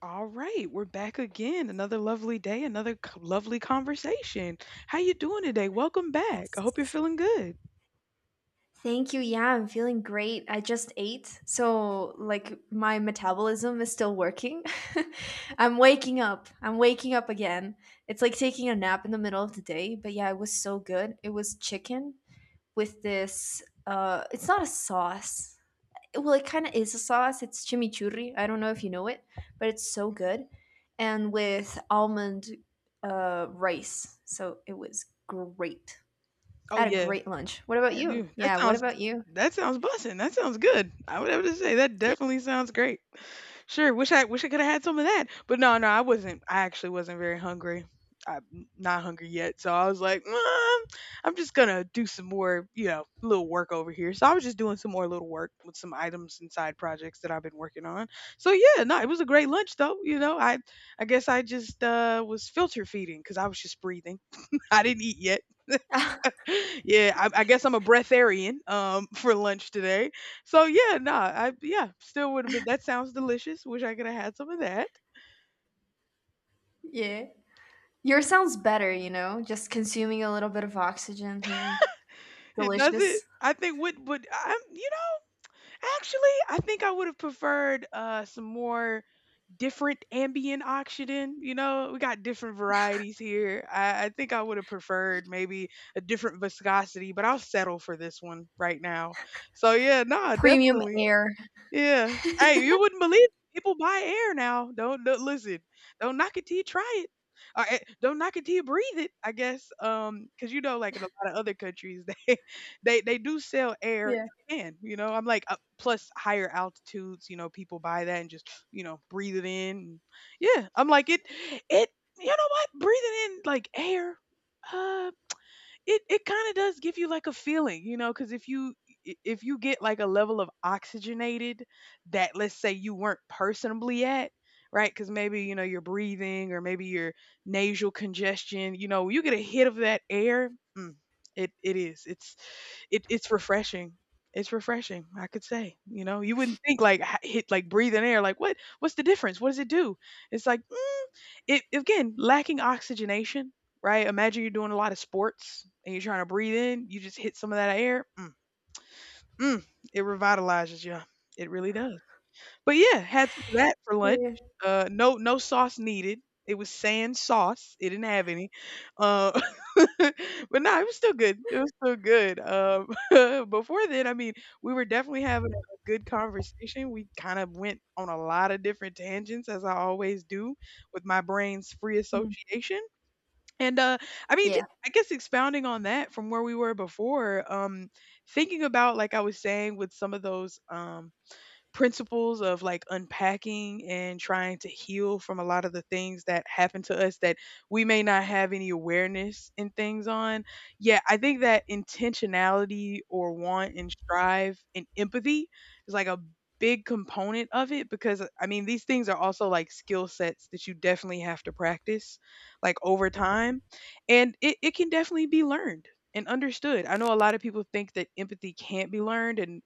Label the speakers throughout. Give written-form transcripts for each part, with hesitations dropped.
Speaker 1: All right, we're back again. Another lovely day, lovely conversation. How you doing today? Welcome back. I hope you're
Speaker 2: Yes.
Speaker 1: feeling good.
Speaker 2: Thank you. Yeah, I'm feeling great. I just ate, so like my metabolism is still working. I'm waking up. I'm waking up again. It's like taking a nap in the middle of the day, but yeah, it was so good. It was chicken with this it's not a sauce. Well, it kind of is a sauce. It's chimichurri. I don't know if you know it, but it's so good. And with almond rice. So it was great.
Speaker 1: Oh
Speaker 2: I had a
Speaker 1: yeah,
Speaker 2: great lunch. What about
Speaker 1: I
Speaker 2: you?
Speaker 1: do. That
Speaker 2: Yeah, what
Speaker 1: sounds
Speaker 2: about you?
Speaker 1: that sounds bussin'. That sounds good. I would have to say that
Speaker 2: Yeah.
Speaker 1: definitely sounds great. Sure, wish I could have had some of that. But no, no, I actually wasn't very hungry. I'm not hungry yet. So I was like, "Mm, I'm just going to do some more, you know, little work over here." So I was just doing some more little work with some items and side projects that I've been working on. So yeah, no, it was a great lunch though, you know. I guess I just was filter feeding cuz I was just breathing. I didn't eat yet, yeah, I guess I'm a breatharian for lunch today. So yeah, nah, I yeah, still would have been. That sounds delicious. Wish I could have had some of that.
Speaker 2: Yeah. Yours sounds better, you know, just consuming a little bit of oxygen here.
Speaker 1: It doesn't.
Speaker 2: Delicious.
Speaker 1: I think would I'm you know actually I think I would have preferred some more different ambient oxygen. You know, we got different varieties here. I think I would have preferred maybe a different viscosity, but I'll settle for this one right now. So yeah, nah,
Speaker 2: Premium
Speaker 1: definitely.
Speaker 2: air.
Speaker 1: Yeah. Hey, you wouldn't believe it. People buy air now. Don't listen. Don't knock it till you try it. Or, don't knock it till you breathe it. I guess, because you know, like in a lot of other countries, they do sell air
Speaker 2: Yeah.
Speaker 1: in a can. You know, I'm like plus higher altitudes. You know, people buy that and just you know breathe it in. Yeah, I'm like it. It. You know what? Breathing in like air. Uh, it kind of does give you like a feeling, you know, because if you get like a level of oxygenated that let's say you weren't personally at, right? Because maybe you know you're breathing or maybe your nasal congestion, you know, when you get a hit of that air. Mm, it it is it's it's refreshing. It's refreshing, I could say. You know, you wouldn't think like hit like breathing air. Like what? What's the difference? What does it do? It's like it again lacking oxygenation, right? Imagine you're doing a lot of sports and you're trying to breathe in, you just hit some of that air. Mm, it revitalizes you, it really does. But yeah, had some of that for
Speaker 2: Yeah.
Speaker 1: lunch.
Speaker 2: Yeah.
Speaker 1: No, no sauce needed. It was sans sauce. It didn't have any. Uh, but no, it was still good. It was still good. Before then, I mean, we were definitely having a good conversation. We kind of went on a lot of different tangents, as I always do with my brain's free
Speaker 2: Mm.
Speaker 1: association. And I mean,
Speaker 2: Yeah.
Speaker 1: just, I guess expounding on that from where we were before, thinking about like I was saying with some of those principles of like unpacking and trying to heal from a lot of the things that happen to us that we may not have any awareness in things on. Yeah, I think that intentionality or want and strive and empathy is like a big component of it, because I mean these things are also like skill sets that you definitely have to practice like over time, and it can definitely be learned and understood. I know a lot of people think that empathy can't be learned, and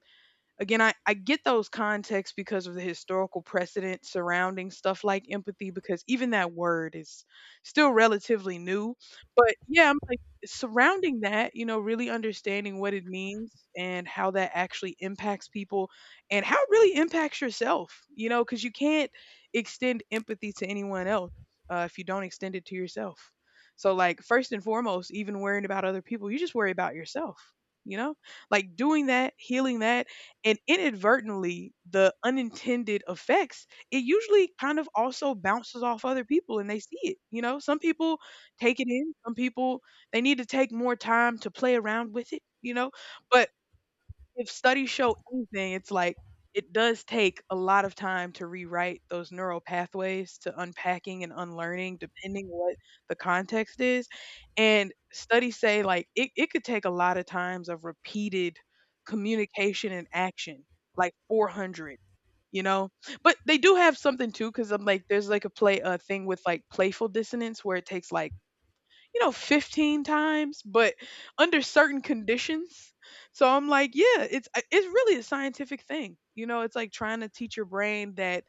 Speaker 1: again I get those contexts because of the historical precedent surrounding stuff like empathy, because even that word is still relatively new. But yeah, I'm like surrounding that, you know, really understanding what it means and how that actually impacts people and how it really impacts yourself, you know, because you can't extend empathy to anyone else if you don't extend it to yourself. So like first and foremost, even worrying about other people, you just worry about yourself, you know, like doing that healing, that, and inadvertently the unintended effects, it usually kind of also bounces off other people and they see it, you know. Some people take it in, some people they need to take more time to play around with it, you know. But if studies show anything, it's like it does take a lot of time to rewrite those neural pathways to unpacking and unlearning depending what the context is. And studies say like it could take a lot of times of repeated communication and action, like 400, you know? But they do have something too, because I'm like, there's like a play, a thing with like playful dissonance where it takes like, you know, 15 times, but under certain conditions. So I'm like, yeah, it's really a scientific thing. You know, it's like trying to teach your brain that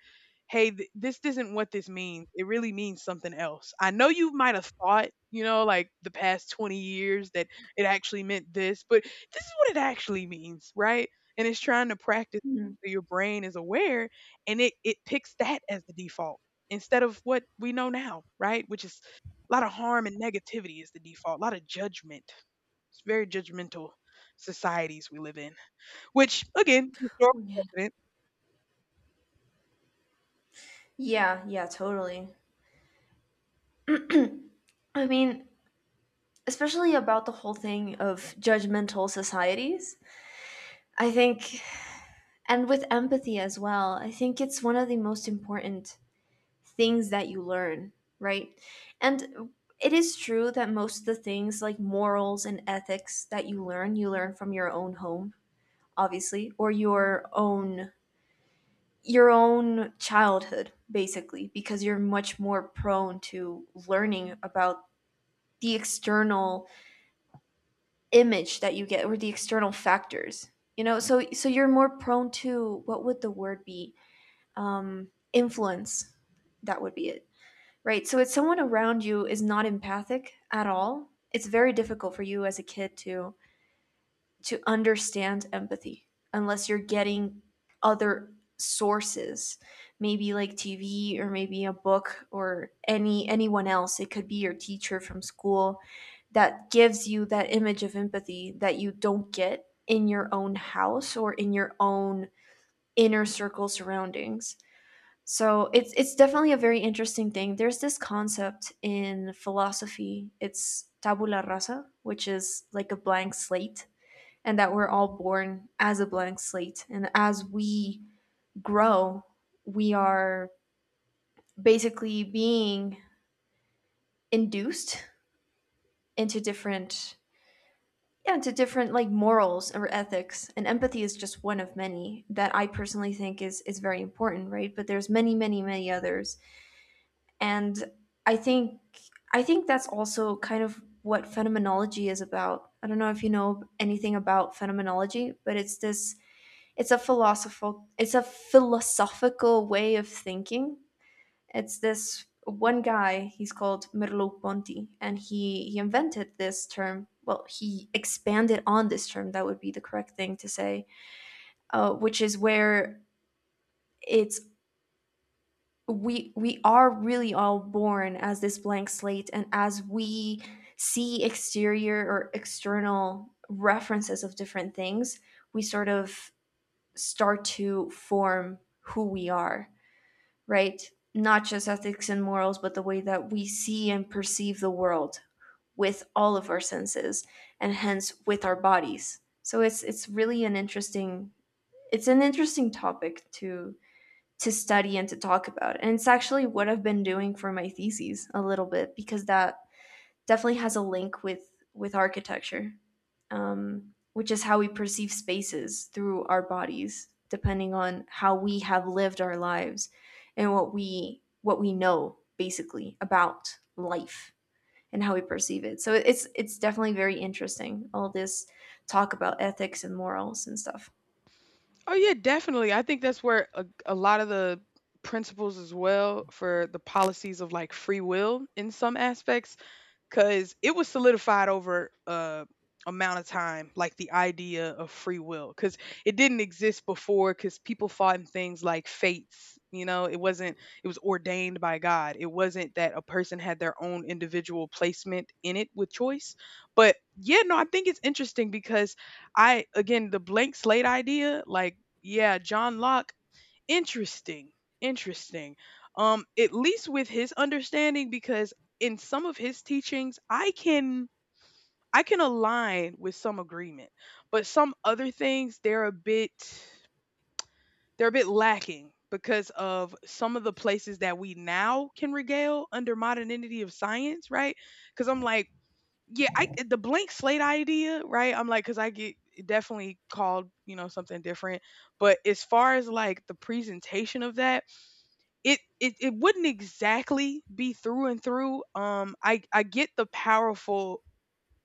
Speaker 1: hey, this isn't what this means. It really means something else. I know you might have thought, you know, like the past 20 years that it actually meant this, but this is what it actually means, right? And it's trying to practice
Speaker 2: Mm.
Speaker 1: so your brain is aware and it picks that as the default instead of what we know now, right? Which is a lot of harm and negativity is the default, a lot of judgment. It's very judgmental societies we live in, which again,
Speaker 2: Oh,
Speaker 1: historical
Speaker 2: yeah.
Speaker 1: precedent.
Speaker 2: Yeah, yeah, totally. I mean, especially about the whole thing of judgmental societies. I think, and with empathy as well, I think it's one of the most important things that you learn, right? And it is true that most of the things like morals and ethics that you learn from your own home, obviously, or your own childhood, basically, because you're much more prone to learning about the external image that you get or the external factors, you know. So you're more prone to, what would the word be, um influence, that would be it. Right. So if someone around you is not empathic at all, it's very difficult for you as a kid to understand empathy unless you're getting other sources, maybe like TV or maybe a book or anyone else. It could be your teacher from school that gives you that image of empathy that you don't get in your own house or in your own inner circle surroundings. So it's definitely a very interesting thing. There's this concept in philosophy. It's tabula rasa, which is like a blank slate, and that we're all born as a blank slate. And as we grow, we are basically being induced into into different like morals or ethics. And empathy is just one of many that I personally think is very important, right? But there's many, many, many others. And i think I think that's also kind of what phenomenology is about. I don't know if you know anything about phenomenology, but it's this, it's a philosophical, it's a philosophical way of thinking. It's this one guy, he's called Merleau-Ponty, and he invented this term, well, he expanded on this term, that would be the correct thing to say, which is where it's, we are really all born as this blank slate, and as we see exterior or external references of different things, we sort of start to form who we are, right? Not just ethics and morals, but the way that we see and perceive the world with all of our senses, and hence with our bodies. So it's really an interesting, it's an interesting topic to study and to talk about. And it's actually what I've been doing for my theses a little bit, because that definitely has a link with architecture, which is how we perceive spaces through our bodies, depending on how we have lived our lives and what we know basically about life and how we perceive it. So it's definitely very interesting, all this talk about ethics and morals and stuff.
Speaker 1: Oh yeah, definitely. I think that's where a lot of the principles as well for the policies of like free will in some aspects, because it was solidified over a amount of time, like the idea of free will, because it didn't exist before. Because people fought in things like fates, you know, it wasn't. It was ordained by God. It wasn't that a person had their own individual placement in it with choice. But yeah, no, I think it's interesting because I, again, the blank slate idea, like yeah, John Locke. Interesting. Interesting. At least with his understanding, because in some of his teachings, I can align with some agreement, but some other things they're a bit lacking because of some of the places that we now can regale under modernity of science, right? Because I'm like, yeah, I the blank slate idea, right? I'm like, because I get definitely called, you know, something different. But as far as like the presentation of that, it wouldn't exactly be through and through. I get the powerful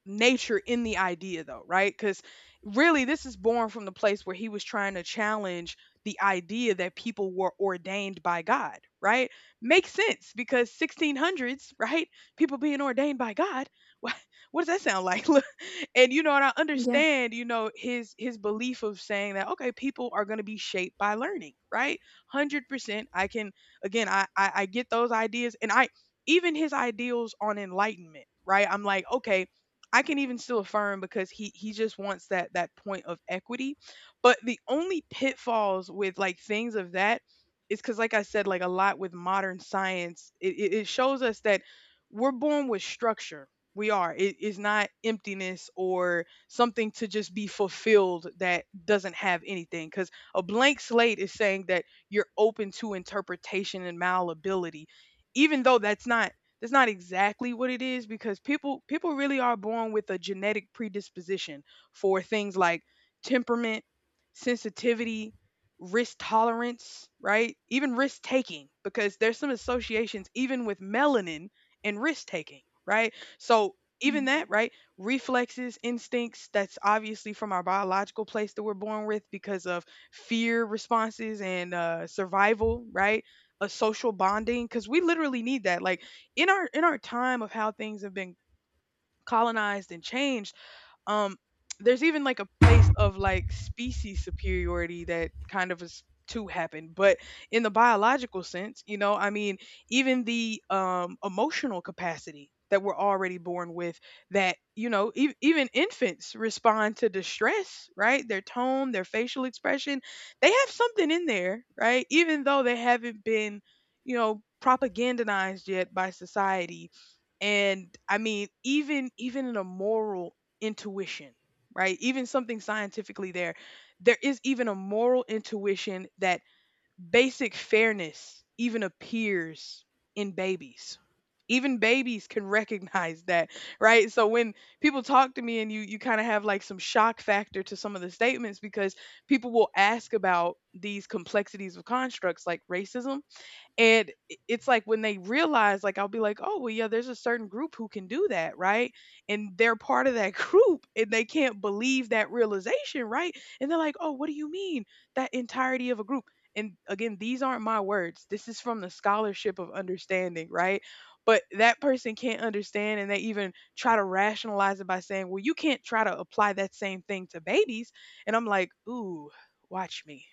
Speaker 1: nature in the idea though, right? Because really this is born from the place where he was trying to challenge the idea that people were ordained by God, right? Makes sense because 1600s, right? People being ordained by God, what, what does that sound like? Look, and you know, and I
Speaker 2: Yeah.
Speaker 1: understand, you know, his belief of saying that okay, people are going to be shaped by learning, right? 100% I can, again I get those ideas, and I even his ideals on enlightenment, right? I'm like, okay, I can even still affirm because he just wants that point of equity. But the only pitfalls with like things of that is because, like I said, like a lot with modern science, it shows us that we're born with structure. We are. It is not emptiness or something to just be fulfilled that doesn't have anything. Because a blank slate is saying that you're open to interpretation and malleability, even though that's not exactly what it is, because people really are born with a genetic predisposition for things like temperament, sensitivity, risk tolerance, right? Even risk taking, because there's some associations even with melanin and risk taking, right? So even that, right? Reflexes, instincts, that's obviously from our biological place that we're born with because of fear responses and survival, right? A social bonding, because we literally need that. Like, in our time of how things have been colonized and changed um, there's even like a place of like species superiority that kind of is to happen, but in the biological sense, you know, I mean, even the emotional capacity that we're already born with that you know even infants respond to distress, right? Their tone, their facial expression, they have something in there, right? Even though they haven't been, you know, propagandized yet by society. And I mean even in a moral intuition, right? Even something scientifically there, there is even a moral intuition that basic fairness even appears in babies. Even babies can recognize that, right? So when people talk to me, and you kind of have like some shock factor to some of the statements, because people will ask about these complexities of constructs like racism, and it's like when they realize, like, I'll be like, oh, well, yeah, there's a certain group who can do that, right? And they're part of that group, and they can't believe that realization, right? And they're like, oh, what do you mean that entirety of a group? And again, these aren't my words, this is from the scholarship of understanding, right? But that person can't understand, and they even try to rationalize it by saying, well, you can't try to apply that same thing to babies. And I'm like, ooh, watch me.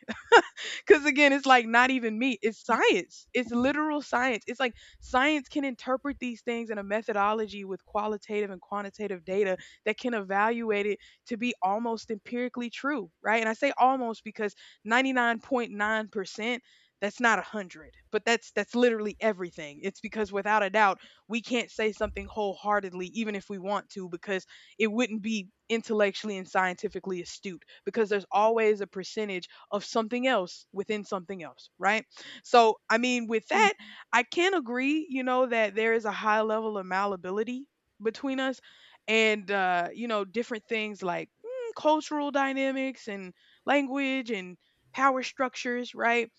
Speaker 1: Because again, it's like not even me. It's science. It's literal science. It's like science can interpret these things in a methodology with qualitative and quantitative data that can evaluate it to be almost empirically true, right? And I say almost because 99.9%, that's not 100, but that's literally everything. It's because without a doubt we can't say something wholeheartedly even if we want to, because it wouldn't be intellectually and scientifically astute, because there's always a percentage of something else within something else, right? So, I mean, with that, I can agree, you know, that there is a high level of malleability between us and, you know, different things like cultural dynamics and language and power structures, right?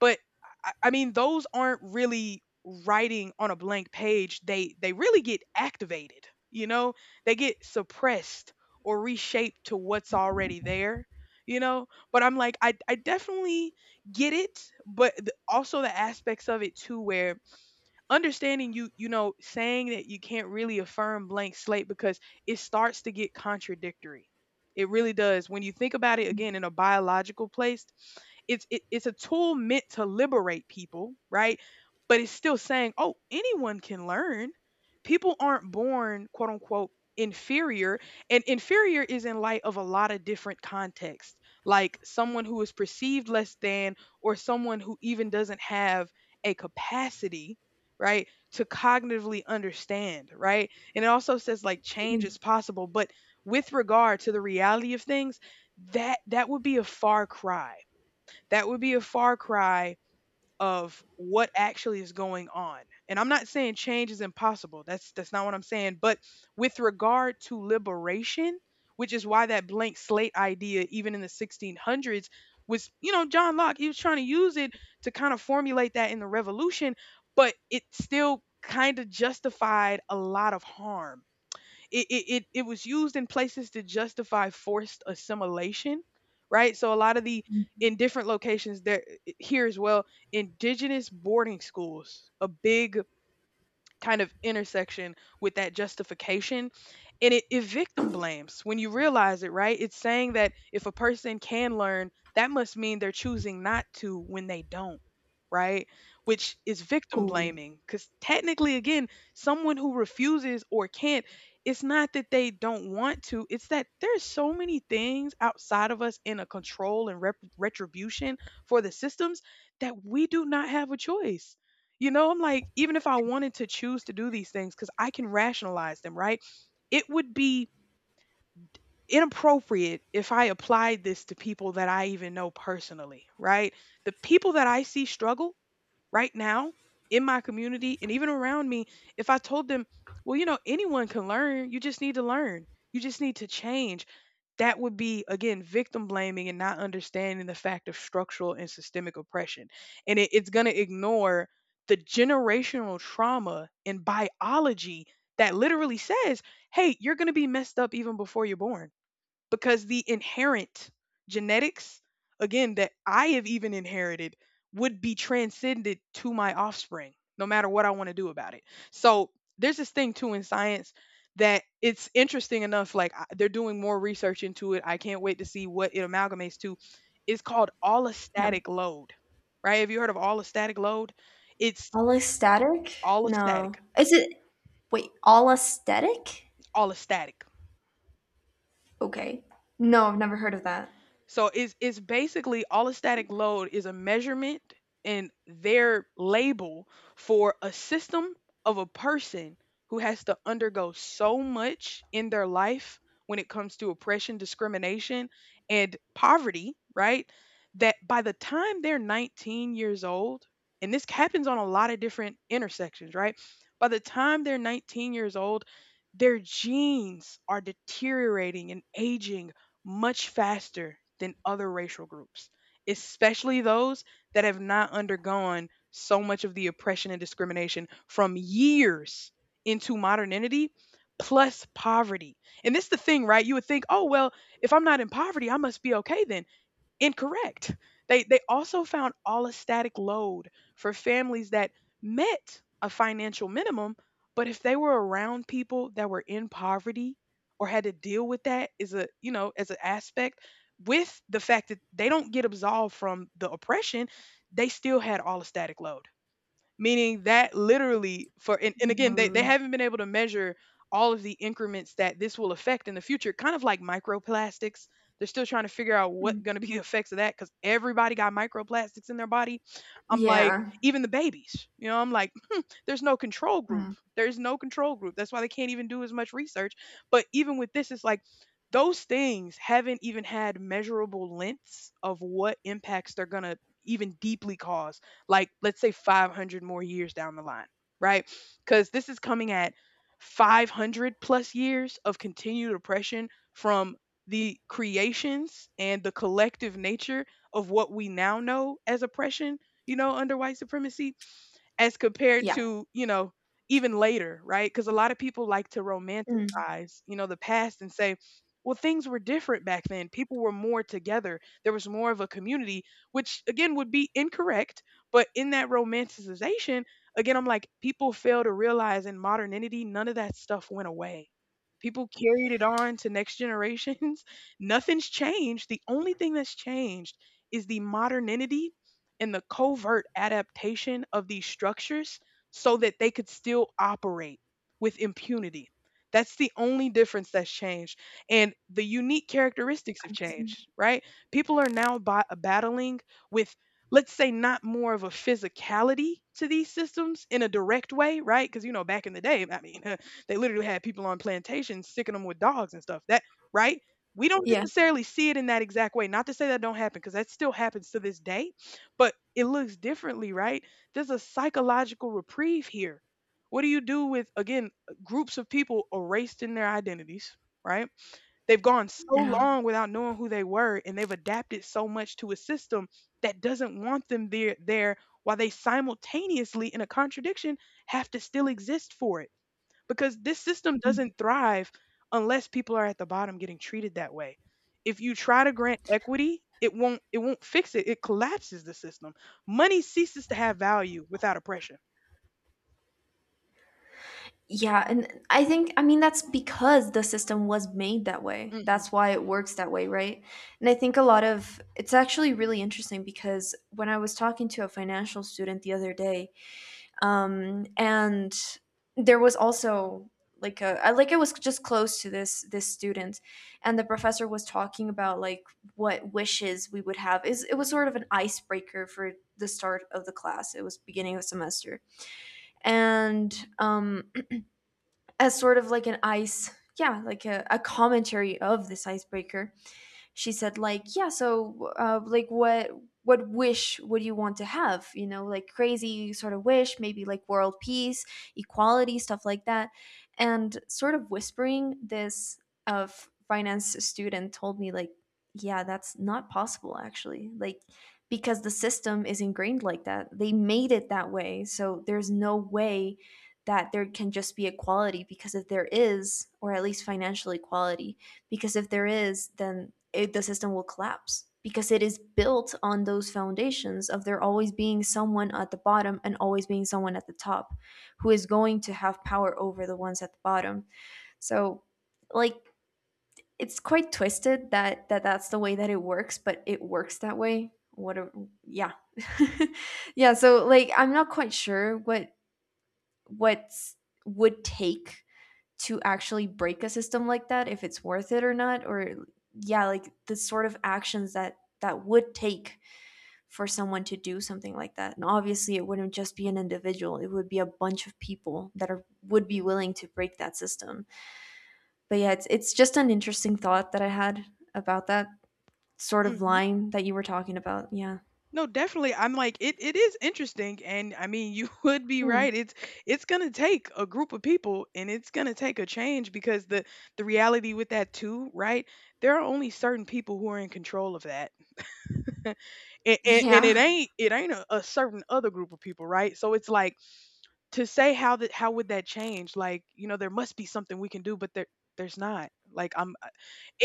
Speaker 1: But I mean, those aren't really writing on a blank page. They really get activated. You know, they get suppressed or reshaped to what's already there. You know, but I'm like, I definitely get it, but also the aspects of it too, where understanding, you know, saying that you can't really affirm blank slate, because it starts to get contradictory. It really does when you think about it again in a biological place. It's a tool meant to liberate people, right? But it's still saying, oh, anyone can learn, people aren't born, quote unquote, inferior. And inferior is in light of a lot of different contexts, like someone who is perceived less than, or someone who even doesn't have a capacity, right? To cognitively understand, right? And it also says, like, change is possible, but with regard to the reality of things, that that would be a far cry. That would be a far cry of what actually is going on. And I'm not saying change is impossible. That's not what I'm saying, but with regard to liberation, which is why that blank slate idea, even in the 1600s, was, you know, John Locke, he was trying to use it to kind of formulate that in the revolution, but it still kind of justified a lot of harm. It was used in places to justify forced assimilation, right? So a lot of the, in different locations there, here as well, indigenous boarding schools, a big kind of intersection with that justification. And it victim blames when you realize it, right? It's saying that if a person can learn, that must mean they're choosing not to when they don't, right? Which is victim
Speaker 2: Oh,
Speaker 1: blaming, because technically, again, someone who refuses or can't, it's not that they don't want to, it's that there's so many things outside of us in a control and retribution for the systems that we do not have a choice. You know, I'm like, even if I wanted to choose to do these things, because I can rationalize them, right? It would be inappropriate if I applied this to people that I even know personally, right? The people that I see struggle right now in my community and even around me, if I told them, well, you know, anyone can learn, you just need to learn, you just need to change. That would be, again, victim blaming and not understanding the fact of structural and systemic oppression. And it's going to ignore the generational trauma and biology that literally says, hey, you're going to be messed up even before you're born, because the inherent genetics, again, that I have even inherited would be transcended to my offspring, no matter what I want to do about it. So there's this thing too in science that it's interesting enough. Like they're doing more research into it. I can't wait to see what it amalgamates to. It's called
Speaker 2: yeah.
Speaker 1: allostatic load, right? Have you heard of allostatic load? It's
Speaker 2: All aesthetic? No.
Speaker 1: allostatic,
Speaker 2: Is it, wait, all aesthetic?
Speaker 1: allostatic.
Speaker 2: Okay. No, I've never heard of that.
Speaker 1: So it's basically all a static load is a measurement and their label for a system of a person who has to undergo so much in their life when it comes to oppression, discrimination, and poverty, right? That by the time they're 19 years old, and this happens on a lot of different intersections, right? By the time they're 19 years old, their genes are deteriorating and aging much faster than other racial groups, especially those that have not undergone so much of the oppression and discrimination from years into modernity plus poverty. And this is the thing, right? You would think, oh, well, if I'm not in poverty, I must be okay then. Incorrect. They also found allostatic load for families that met a financial minimum, but if they were around people that were in poverty or had to deal with that is a, you know, as an aspect with the fact that they don't get absolved from the oppression, they still had allostatic load, meaning that literally for, and again, they
Speaker 2: Mm.
Speaker 1: haven't been able to measure all of the increments that this will affect in the future, kind of like microplastics. They're still trying to figure out what
Speaker 2: Mm.
Speaker 1: going to be the effects of that, because everybody got microplastics in their body. I'm like,
Speaker 2: Yeah.
Speaker 1: even the babies, you know, I'm like, there's no control group.
Speaker 2: Mm.
Speaker 1: There's no control group. That's why they can't even do as much research. But even with this, it's like those things haven't even had measurable lengths of what impacts they're going to even deeply cause, like, let's say 500 more years down the line, right? Because this is coming at 500 plus years of continued oppression from the creations and the collective nature of what we now know as oppression, you know, under white supremacy as compared
Speaker 2: Yeah.
Speaker 1: to, you know, even later, right? Because a lot of people like to
Speaker 2: Mm.
Speaker 1: romanticize, you know, the past and say, well, things were different back then. People were more together. There was more of a community, which again would be incorrect. But in that romanticization, again, I'm like, people fail to realize in modernity, none of that stuff went away. People carried it on to next generations. Nothing's changed. The only thing that's changed is the modernity and the covert adaptation of these structures so that they could still operate with impunity. That's the only difference that's changed. And the unique characteristics have
Speaker 2: I see.
Speaker 1: changed, right? People are now battling with, let's say, not more of a physicality to these systems in a direct way, right? Because, you know, back in the day, I mean, they literally had people on plantations sticking them with dogs and stuff. That, right? We don't
Speaker 2: Yeah.
Speaker 1: necessarily see it in that exact way. Not to say that don't happen, because that still happens to this day, but it looks differently, right? There's a psychological reprieve here. What do you do with, again, groups of people erased in their identities, right? They've gone so
Speaker 2: Yeah.
Speaker 1: long without knowing who they were, and they've adapted so much to a system that doesn't want them there, while they simultaneously, in a contradiction, have to still exist for it, because this system
Speaker 2: Mm.
Speaker 1: doesn't thrive unless people are at the bottom getting treated that way. If you try to grant equity, it won't fix it. It collapses the system. Money ceases to have value without oppression.
Speaker 2: Yeah, and I think, I mean, that's because the system was made that way.
Speaker 1: Hmm.
Speaker 2: That's why it works that way, right? And I think a lot of it's actually really interesting, because when I was talking to a financial student the other day, and there was also like a I was just close to this student, and the professor was talking about like what wishes we would have. Is it was sort of an icebreaker for the start of the class, it was beginning of semester, and as sort of like an ice, yeah, like a commentary of this icebreaker, she said like, yeah, so like what wish would you want to have, you know, like crazy sort of wish, maybe like world peace, equality, stuff like that. And sort of whispering this, of finance student told me like, yeah, that's not possible actually, like, because the system is ingrained like that, they made it that way, so there's no way that there can just be equality, because if there is, or at least financial equality, because if there is, then it, the system will collapse, because it is built on those foundations of there always being someone at the bottom and always being someone at the top who is going to have power over the ones at the bottom. So like, it's quite twisted that that's the way that it works, but it works that way. What a, yeah. Yeah, so like, I'm not quite sure what would take to actually break a system like that, if it's worth it or not, or yeah, like the sort of actions that would take for someone to do something like that. And obviously it wouldn't just be an individual, it would be a bunch of people that are, would be willing to break that system. But yeah, it's just an interesting thought that I had about that sort of
Speaker 1: Hmm.
Speaker 2: line that you were talking about, yeah.
Speaker 1: No, definitely. I'm like, it is interesting, and I mean, you would be
Speaker 2: Hmm.
Speaker 1: right. It's going to take a group of people, and it's going to take a change, because the reality with that too, right? There are only certain people who are in control of that. and, and, and it
Speaker 2: Yeah.
Speaker 1: ain't a certain other group of people, right? So it's like, to say how that, how would that change? Like, you know, there must be something we can do, but there's not. Like, I'm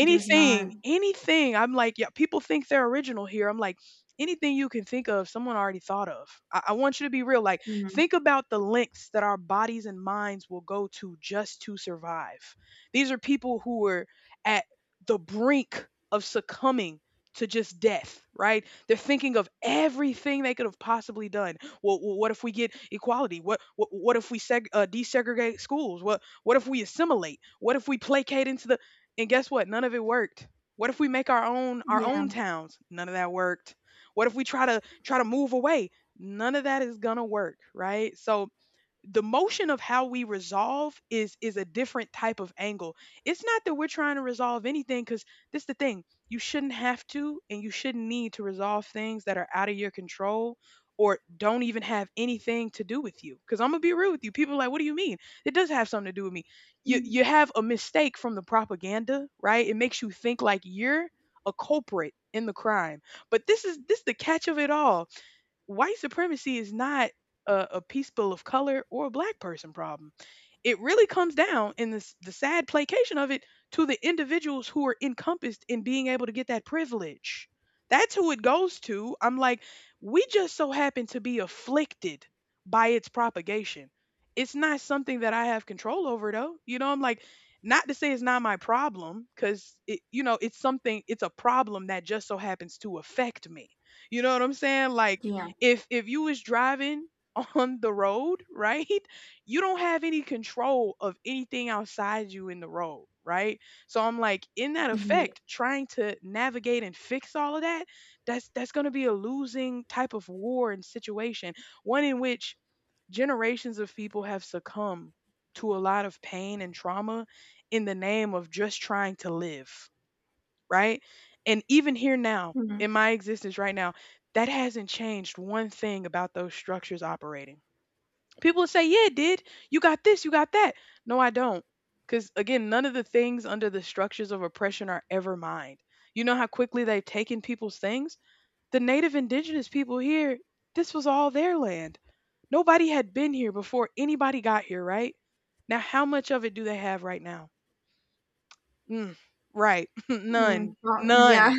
Speaker 2: There's not.
Speaker 1: anything. I'm like, yeah, people think they're original here. I'm like, anything you can think of, someone already thought of. I want you to be real. Like,
Speaker 2: Hmm.
Speaker 1: think about the lengths that our bodies and minds will go to just to survive. These are people who were at the brink of succumbing to just death, right? They're thinking of everything they could have possibly done. Well, well, what if we get equality? What if we desegregate schools? What if we assimilate? What if we placate into the and guess what? None of it worked. What if we make our own our
Speaker 2: Yeah.
Speaker 1: own towns? None of that worked. What if we try to move away? None of that is gonna work, right? So the motion of how we resolve is a different type of angle. It's not that we're trying to resolve anything, because this is the thing. You shouldn't have to, and you shouldn't need to resolve things that are out of your control or don't even have anything to do with you, because I'm gonna be real with you, people are like, what do you mean it does have something to do with me? you
Speaker 2: Hmm.
Speaker 1: you have a mistake from the propaganda, right? It makes you think like you're a culprit in the crime. But this is the catch of it all. White supremacy is not a people of color or a black person problem. It really comes down, in this the sad placation of it, to the individuals who are encompassed in being able to get that privilege. That's who it goes to. I'm like, we just so happen to be afflicted by its propagation. It's not something that I have control over, though. You know, I'm like, not to say it's not my problem, because it, you know, it's something, it's a problem that just so happens to affect me. You know what I'm saying? Like
Speaker 2: Yeah.
Speaker 1: if you is driving on the road, right? You don't have any control of anything outside you in the road, right? So I'm like, in that
Speaker 2: Ye-.
Speaker 1: effect trying to navigate and fix all of that, that's going to be a losing type of war and situation. One in which generations of people have succumbed to a lot of pain and trauma in the name of just trying to live, right? And even here now,
Speaker 2: Hmm.
Speaker 1: in my existence right now, that hasn't changed one thing about those structures operating. People will say, yeah, it did. You got this, you got that. No, I don't. Because again, none of the things under the structures of oppression are ever mine. You know how quickly they've taken people's things? The native indigenous people here, this was all their land. Nobody had been here before anybody got here, right? Now, how much of it do they have right now? Mm, right. None.
Speaker 2: Mm, well, yeah.
Speaker 1: None.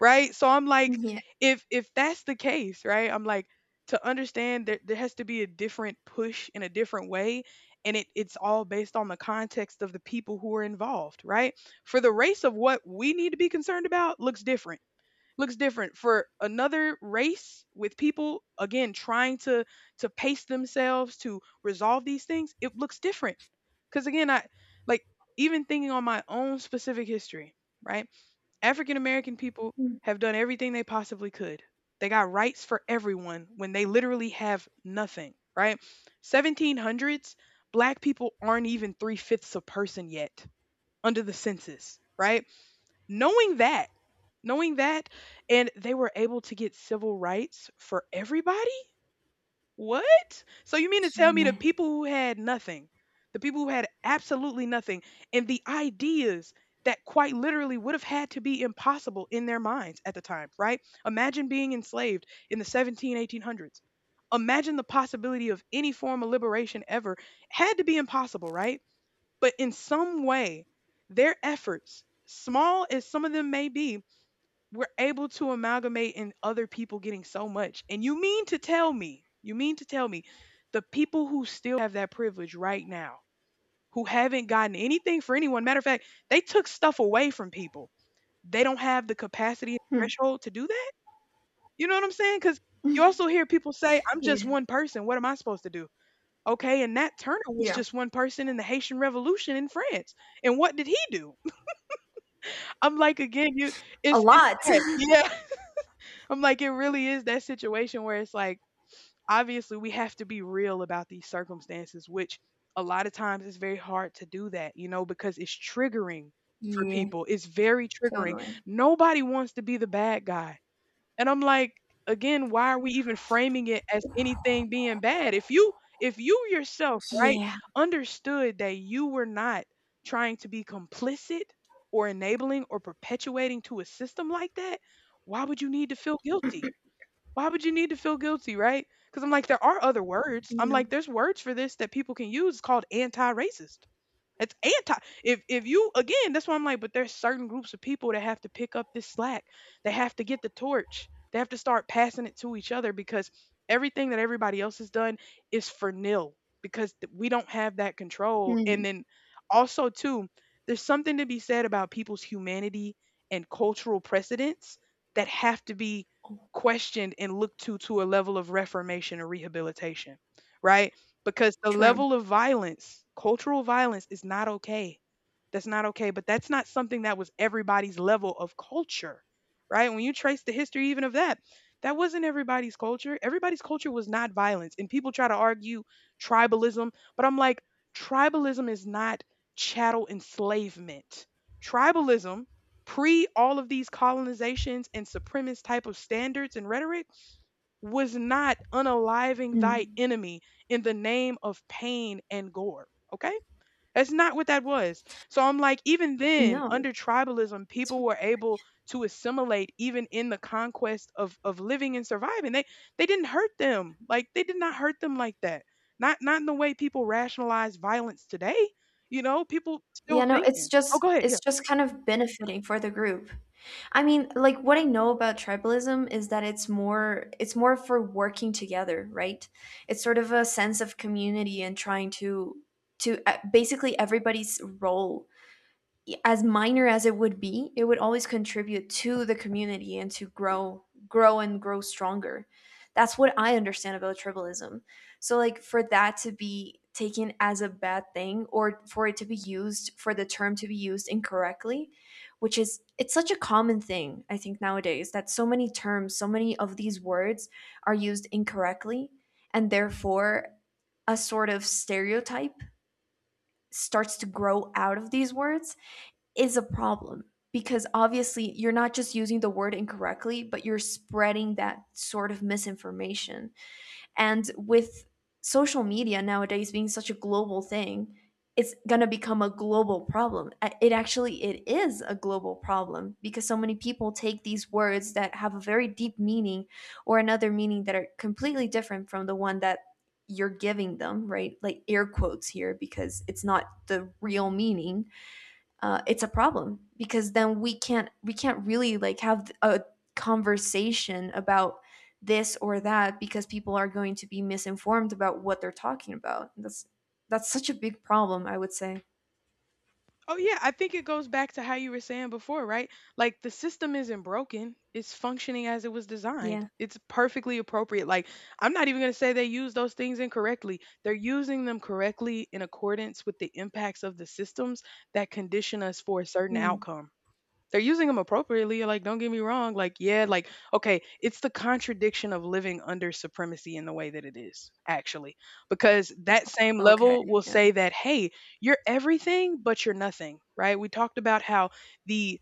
Speaker 1: Right? So I'm like,
Speaker 2: Yeah,
Speaker 1: if that's the case, right? I'm like, to understand that there has to be a different push in a different way. And it's all based on the context of the people who are involved, right? For the race of what we need to be concerned about looks different, looks different for another race, with people again trying to pace themselves to resolve these things, it looks different. Because again, I, like, even thinking on my own specific history, right, African American people have done everything they possibly could. They got rights for everyone when they literally have nothing, right? 1700s, black people aren't even three-fifths a person yet under the census, right? Knowing that, knowing that, and they were able to get civil rights for everybody? What? So you mean to tell me, the
Speaker 2: yeah,
Speaker 1: people who had nothing, the people who had absolutely nothing, and the ideas that quite literally would have had to be impossible in their minds at the time, right? Imagine being enslaved in the seventeen, eighteen hundreds. Imagine the possibility of any form of liberation ever had to be impossible, right? But in some way, their efforts, small as some of them may be, we're able to amalgamate in other people getting so much. And you mean to tell me, you mean to tell me, the people who still have that privilege right now, who haven't gotten anything for anyone, matter of fact, they took stuff away from people. They don't have the capacity and
Speaker 2: hmm,
Speaker 1: threshold to do that. You know what I'm saying? Because you also hear people say, I'm just
Speaker 2: yeah,
Speaker 1: one person. What am I supposed to do? Okay. And Nat Turner was
Speaker 2: yeah,
Speaker 1: just one person in the Haitian Revolution in France. And what did he do? I'm like, again, you,
Speaker 2: a
Speaker 1: it's
Speaker 2: lot.
Speaker 1: that. Yeah. I'm like, it really is that situation where it's like, obviously, we have to be real about these circumstances, which a lot of times it's very hard to do, that, you know, because it's triggering for
Speaker 2: Yeah,
Speaker 1: people. It's very triggering.
Speaker 2: totally.
Speaker 1: Nobody wants to be the bad guy. And I'm like, again, why are we even framing it as anything being bad? If you yourself, right,
Speaker 2: Yeah,
Speaker 1: understood that you were not trying to be complicit or enabling or perpetuating to a system like that, why would you need to feel guilty? Why would you need to feel guilty, right? Because I'm like, there are other words. I'm
Speaker 2: yeah.
Speaker 1: like, there's words for this that people can use, called anti racist. It's anti. If you, again, that's why I'm like, but there's certain groups of people that have to pick up this slack. They have to get the torch. They have to start passing it to each other, because everything that everybody else has done is for nil, because we don't have that control. And
Speaker 2: Mm.
Speaker 1: then also too, there's something to be said about people's humanity and cultural precedents that have to be questioned and looked to a level of reformation or rehabilitation, right? Because the
Speaker 2: True.
Speaker 1: level of violence, cultural violence, is not okay. That's not okay. But that's not something that was everybody's level of culture, right? When you trace the history even of that, that wasn't everybody's culture. Everybody's culture was not violence. And people try to argue tribalism, but I'm like, tribalism is not chattel enslavement. Tribalism, pre all of these colonizations and supremacist type of standards and rhetoric, was not unaliving thy
Speaker 2: Mm.
Speaker 1: enemy in the name of pain and gore. Okay? That's not what that was. So I'm like, even then,
Speaker 2: No.
Speaker 1: under tribalism,
Speaker 2: It's-.
Speaker 1: people were able to assimilate even in the conquest of living and surviving. They didn't hurt them. Like, they did not hurt them like that. Not in the way people rationalize violence today. You know, people still
Speaker 2: Yeah, no, it's
Speaker 1: thinking. Oh,
Speaker 2: just,
Speaker 1: go ahead. Yeah.
Speaker 2: it's just kind of benefiting for the group. I mean, like what I know about tribalism is that it's more, it's more for working together, right? It's sort of a sense of community and trying to basically everybody's role, as minor as it would be, it would always contribute to the community and to grow, grow and grow stronger. That's what I understand about tribalism. So like, for that to be taken as a bad thing, or for it to be used, for the term to be used incorrectly, which is, it's such a common thing I think nowadays, that so many terms, so many of these words are used incorrectly, and therefore a sort of stereotype starts to grow out of these words, is a problem, because obviously you're not just using the word incorrectly, but you're spreading that sort of misinformation. And with social media nowadays being such a global thing, it's going to become a global problem. It actually, it is a global problem, because so many people take these words that have a very deep meaning or another meaning that are completely different from the one that you're giving them, right? Like air quotes here, because it's not the real meaning. It's a problem because then we can't, we can't really like have a conversation about this or that because people are going to be misinformed about what they're talking about. That's such a big problem, I would say.
Speaker 1: Oh yeah, I think it goes back to how you were saying before, right? Like, the system isn't broken. It's functioning as it was designed.
Speaker 2: Yeah.
Speaker 1: It's perfectly appropriate. Like, I'm not even going to say they use those things incorrectly. They're using them correctly in accordance with the impacts of the systems that condition us for a certain
Speaker 2: Mm.
Speaker 1: outcome. They're using them appropriately. Like, don't get me wrong. Like, yeah, like, okay, it's the contradiction of living under supremacy in the way that it is, actually. Because that same
Speaker 2: Okay.
Speaker 1: level will
Speaker 2: Yeah.
Speaker 1: say that, hey, you're everything but you're nothing, right? We talked about how the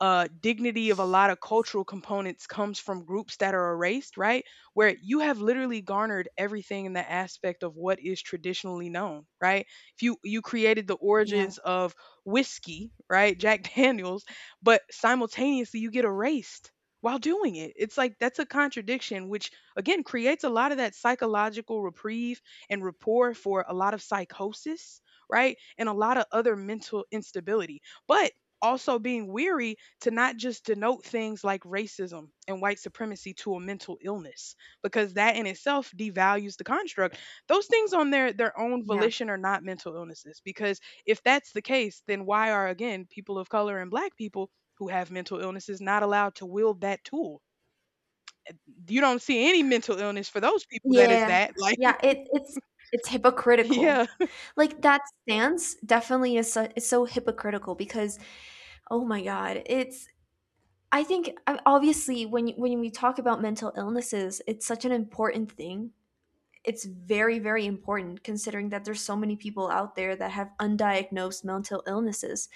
Speaker 1: dignity of a lot of cultural components comes from groups that are erased, right? Where you have literally garnered everything in the aspect of what is traditionally known, right? If you created the
Speaker 2: Yeah.
Speaker 1: origins of whiskey, right, Jack Daniels, but simultaneously you get erased while doing it. It's like, that's a contradiction, which again creates a lot of that psychological reprieve and rapport for a lot of psychosis, right, and a lot of other mental instability. But also being weary to not just denote things like racism and white supremacy to a mental illness, because that in itself devalues the construct. Those things on their own
Speaker 2: Yeah.
Speaker 1: volition are not mental illnesses, because if that's the case, then why are, again, people of color and black people who have mental illnesses not allowed to wield that tool? You don't see any mental illness for those people that is
Speaker 2: Yeah.
Speaker 1: that, like,
Speaker 2: Yeah. It it's hypocritical.
Speaker 1: yeah.
Speaker 2: Like that stance definitely is so hypocritical because, oh my god, it's, I think obviously when you, when we talk about mental illnesses, it's such an important thing. It's very, very important, considering that there's so many people out there that have undiagnosed mental illnesses.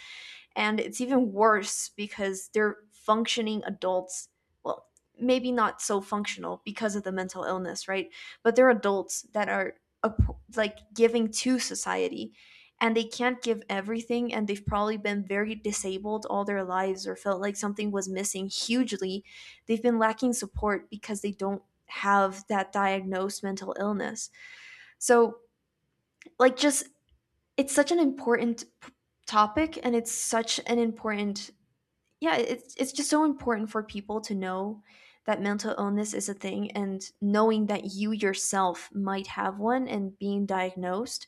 Speaker 2: And it's even worse because they're functioning adults, well, maybe not so functional because of the mental illness, right? But they're adults that are like giving to society, and they can't give everything, and they've probably been very disabled all their lives or felt like something was missing hugely. They've been lacking support because they don't have that diagnosed mental illness. So, like, just, it's such an important topic, and it's such an important, yeah, it's just so important for people to know that mental illness is a thing, and knowing that you yourself might have one and being diagnosed,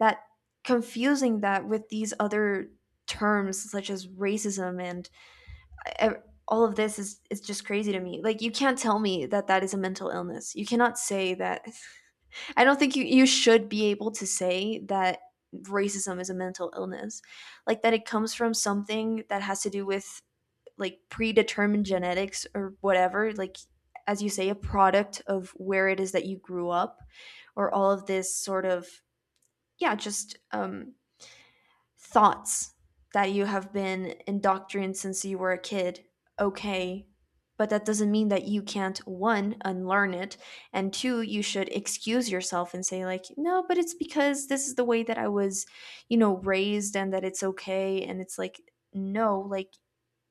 Speaker 2: that, confusing that with these other terms such as racism and e- all of this is just crazy to me. Like, you can't tell me that that is a mental illness. You cannot say that. I don't think you, you should be able to say that racism is a mental illness. Like that it comes from something that has to do with like predetermined genetics or whatever, like as you say, a product of where it is that you grew up, or all of this sort of, yeah, just thoughts that you have been indoctrinated since you were a kid, okay, but that doesn't mean that you can't, one, unlearn it, and two, you should excuse yourself and say like, no, but it's because this is the way that I was, you know, raised, and that it's okay. And it's like, no, like,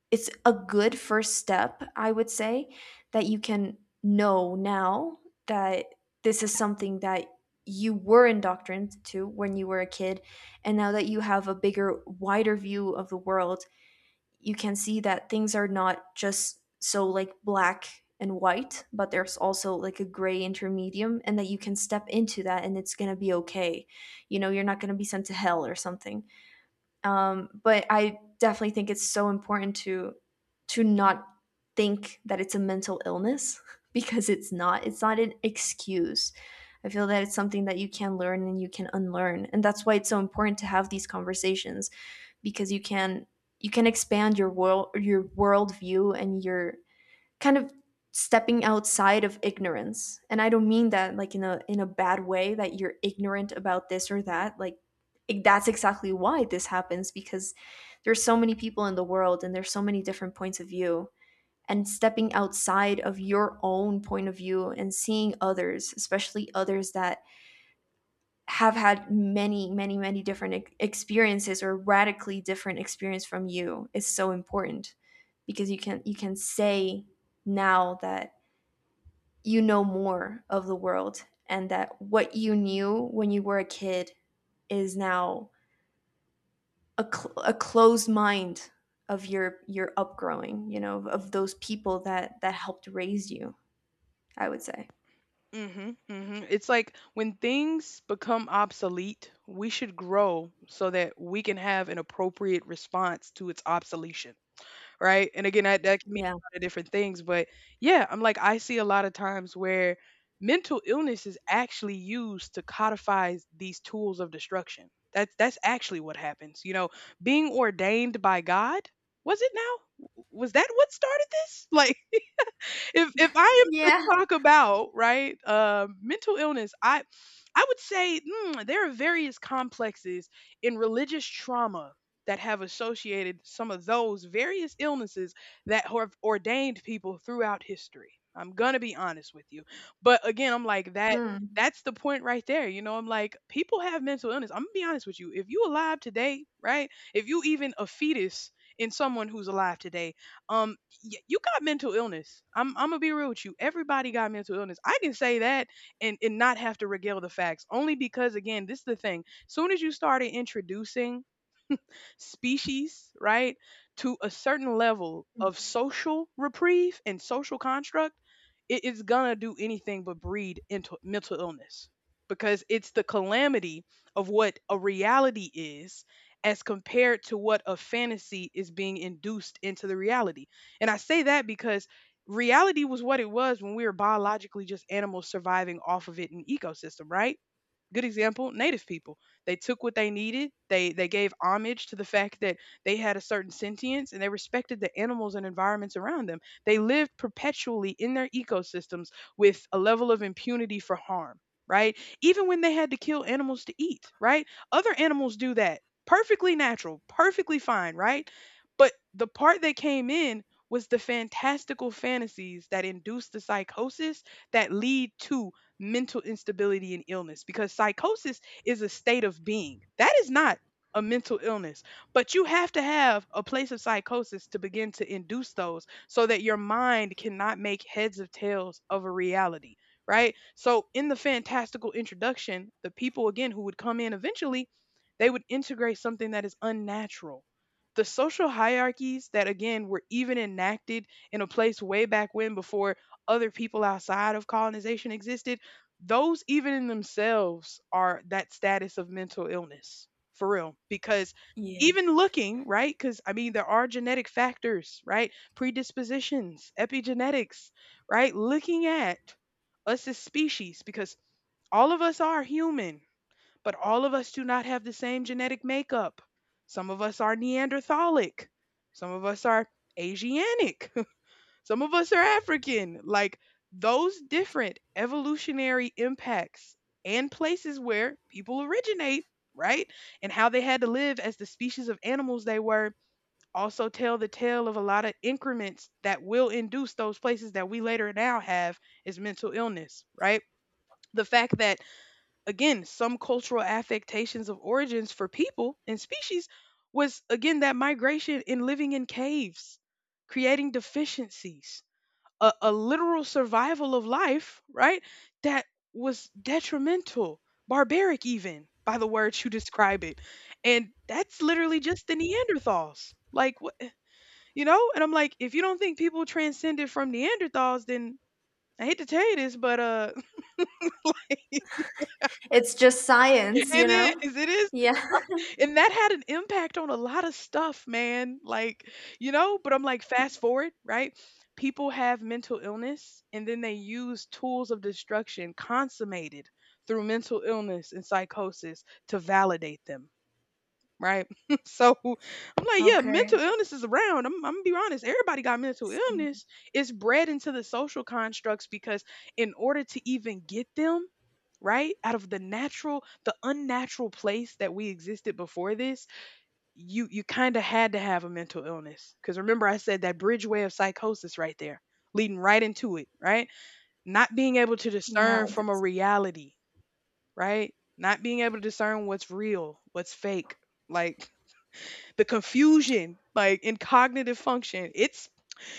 Speaker 2: it's a good first step, I would say, that you can know now that this is something that you were indoctrinated to when you were a kid. And now that you have a bigger, wider view of the world, you can see that things are not just so like black and white, but there's also like a gray intermedium, and that you can step into that and it's going to be okay. You know, you're not going to be sent to hell or something. But I definitely think it's so important to not think that it's a mental illness, because it's not, it's not an excuse. I feel that it's something that you can learn and you can unlearn, and that's why it's so important to have these conversations, because you can, you can expand your world, your worldview, and your kind of stepping outside of ignorance. And I don't mean that like in a, in a bad way, that you're ignorant about this or that, like, that's exactly why this happens, because there's so many people in the world and there's so many different points of view, and stepping outside of your own point of view and seeing others, especially others that have had many, many, many different experiences or radically different experience from you, is so important, because you can, you can say now that you know more of the world, and that what you knew when you were a kid is now a, a closed mind of your upgrowing, you know, of those people that helped raise you, I would say.
Speaker 1: Mhm, mhm. It's like when things become obsolete, we should grow so that we can have an appropriate response to its obsolescence, right? And again, that can mean
Speaker 2: Yeah.
Speaker 1: a lot of different things, but yeah, I'm like, I see a lot of times where mental illness is actually used to codify these tools of destruction. That's actually what happens. You know, being ordained by God, was it now? Was that what started this? Like if I am to
Speaker 2: Yeah.
Speaker 1: talk about, right, mental illness, I would say, there are various complexes in religious trauma that have associated some of those various illnesses that have ordained people throughout history. I'm gonna be honest with you. But again, I'm like, that.
Speaker 2: Hmm.
Speaker 1: That's the point right there. You know, I'm like, people have mental illness. I'm gonna be honest with you. If you alive today, right? If you even a fetus in someone who's alive today, um you got mental illness. I'm gonna be real with you, everybody got mental illness. I can say that and not have to regale the facts only because, again, this is the thing. Soon as you started introducing species, right, to a certain level of social reprieve and social construct, it is gonna do anything but breed into mental illness, because it's the calamity of what a reality is as compared to what a fantasy is being induced into the reality. And I say that because reality was what it was when we were biologically just animals surviving off of it in ecosystem, right? Good example, native people, they took what they needed, they gave homage to the fact that they had a certain sentience, and they respected the animals and environments around them. They lived perpetually in their ecosystems with a level of impunity for harm, right? Even when they had to kill animals to eat, right? Other animals do that. Perfectly natural, perfectly fine, right? But the part that came in was the fantastical fantasies that induce the psychosis that lead to mental instability and illness, because psychosis is a state of being. That is not a mental illness, but you have to have a place of psychosis to begin to induce those so that your mind cannot make heads of tails of a reality, right? So in the fantastical introduction, the people, again, who would come in eventually, they would integrate something that is unnatural. The social hierarchies that, again, were even enacted in a place way back when before other people outside of colonization existed, those even in themselves are that status of mental illness, for real. Because
Speaker 2: Yeah.
Speaker 1: even looking, right, because I mean there are genetic factors, right? Predispositions, epigenetics, right? Looking at us as species, because all of us are human, but all of us do not have the same genetic makeup. Some of us are neanderthalic, some of us are asianic, some of us are African. Like, those different evolutionary impacts and places where people originate, right? And how they had to live as the species of animals they were also tell the tale of a lot of increments that will induce those places that we later now have as mental illness, right? The fact that, again, some cultural affectations of origins for people and species was, again, that migration in living in caves, creating deficiencies, a literal survival of life, right? That was detrimental, barbaric, even by the words you describe it. And that's literally just the Neanderthals. Like, what, you know? And I'm like, if you don't think people transcended from Neanderthals, then I hate to tell you this, but
Speaker 2: It's just science, you
Speaker 1: it
Speaker 2: know.
Speaker 1: is. It is.
Speaker 2: Yeah.
Speaker 1: And that had an impact on a lot of stuff, man. Like, you know, but I'm like, fast forward, right? People have mental illness, and then they use tools of destruction consummated through mental illness and psychosis to validate them, right? So I'm like, yeah,
Speaker 2: Okay.
Speaker 1: mental illness is around. I'm gonna be honest, everybody got mental illness. It's bred into the social constructs, because in order to even get them, right, out of the natural, the unnatural place that we existed before this, you kind of had to have a mental illness. Because remember I said that bridgeway of psychosis right there, leading right into it, right? Not being able to
Speaker 2: Yeah.
Speaker 1: discern from a
Speaker 2: That's-.
Speaker 1: reality, right? Not being able to discern what's real, what's fake, like, the confusion, like, in cognitive function,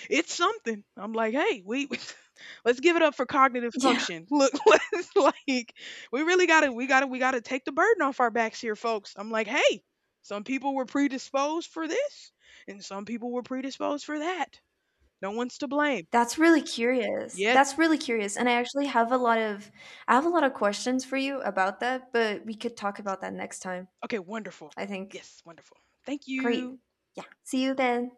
Speaker 1: it's something. I'm like, "Hey, we let's give it up for cognitive
Speaker 2: Yeah.
Speaker 1: function." Look, let's like, we really got to, we got to take the burden off our backs here, folks. I'm like, "Hey, some people were predisposed for this, and some people were predisposed for that. No one's to blame."
Speaker 2: That's really curious.
Speaker 1: Yes.
Speaker 2: That's really curious, and I actually have a lot of, I have a lot of questions for you about that, but we could talk about that next time,
Speaker 1: Okay, wonderful.
Speaker 2: I think.
Speaker 1: Yes, wonderful. Thank
Speaker 2: Great.
Speaker 1: you.
Speaker 2: Yeah. See you then.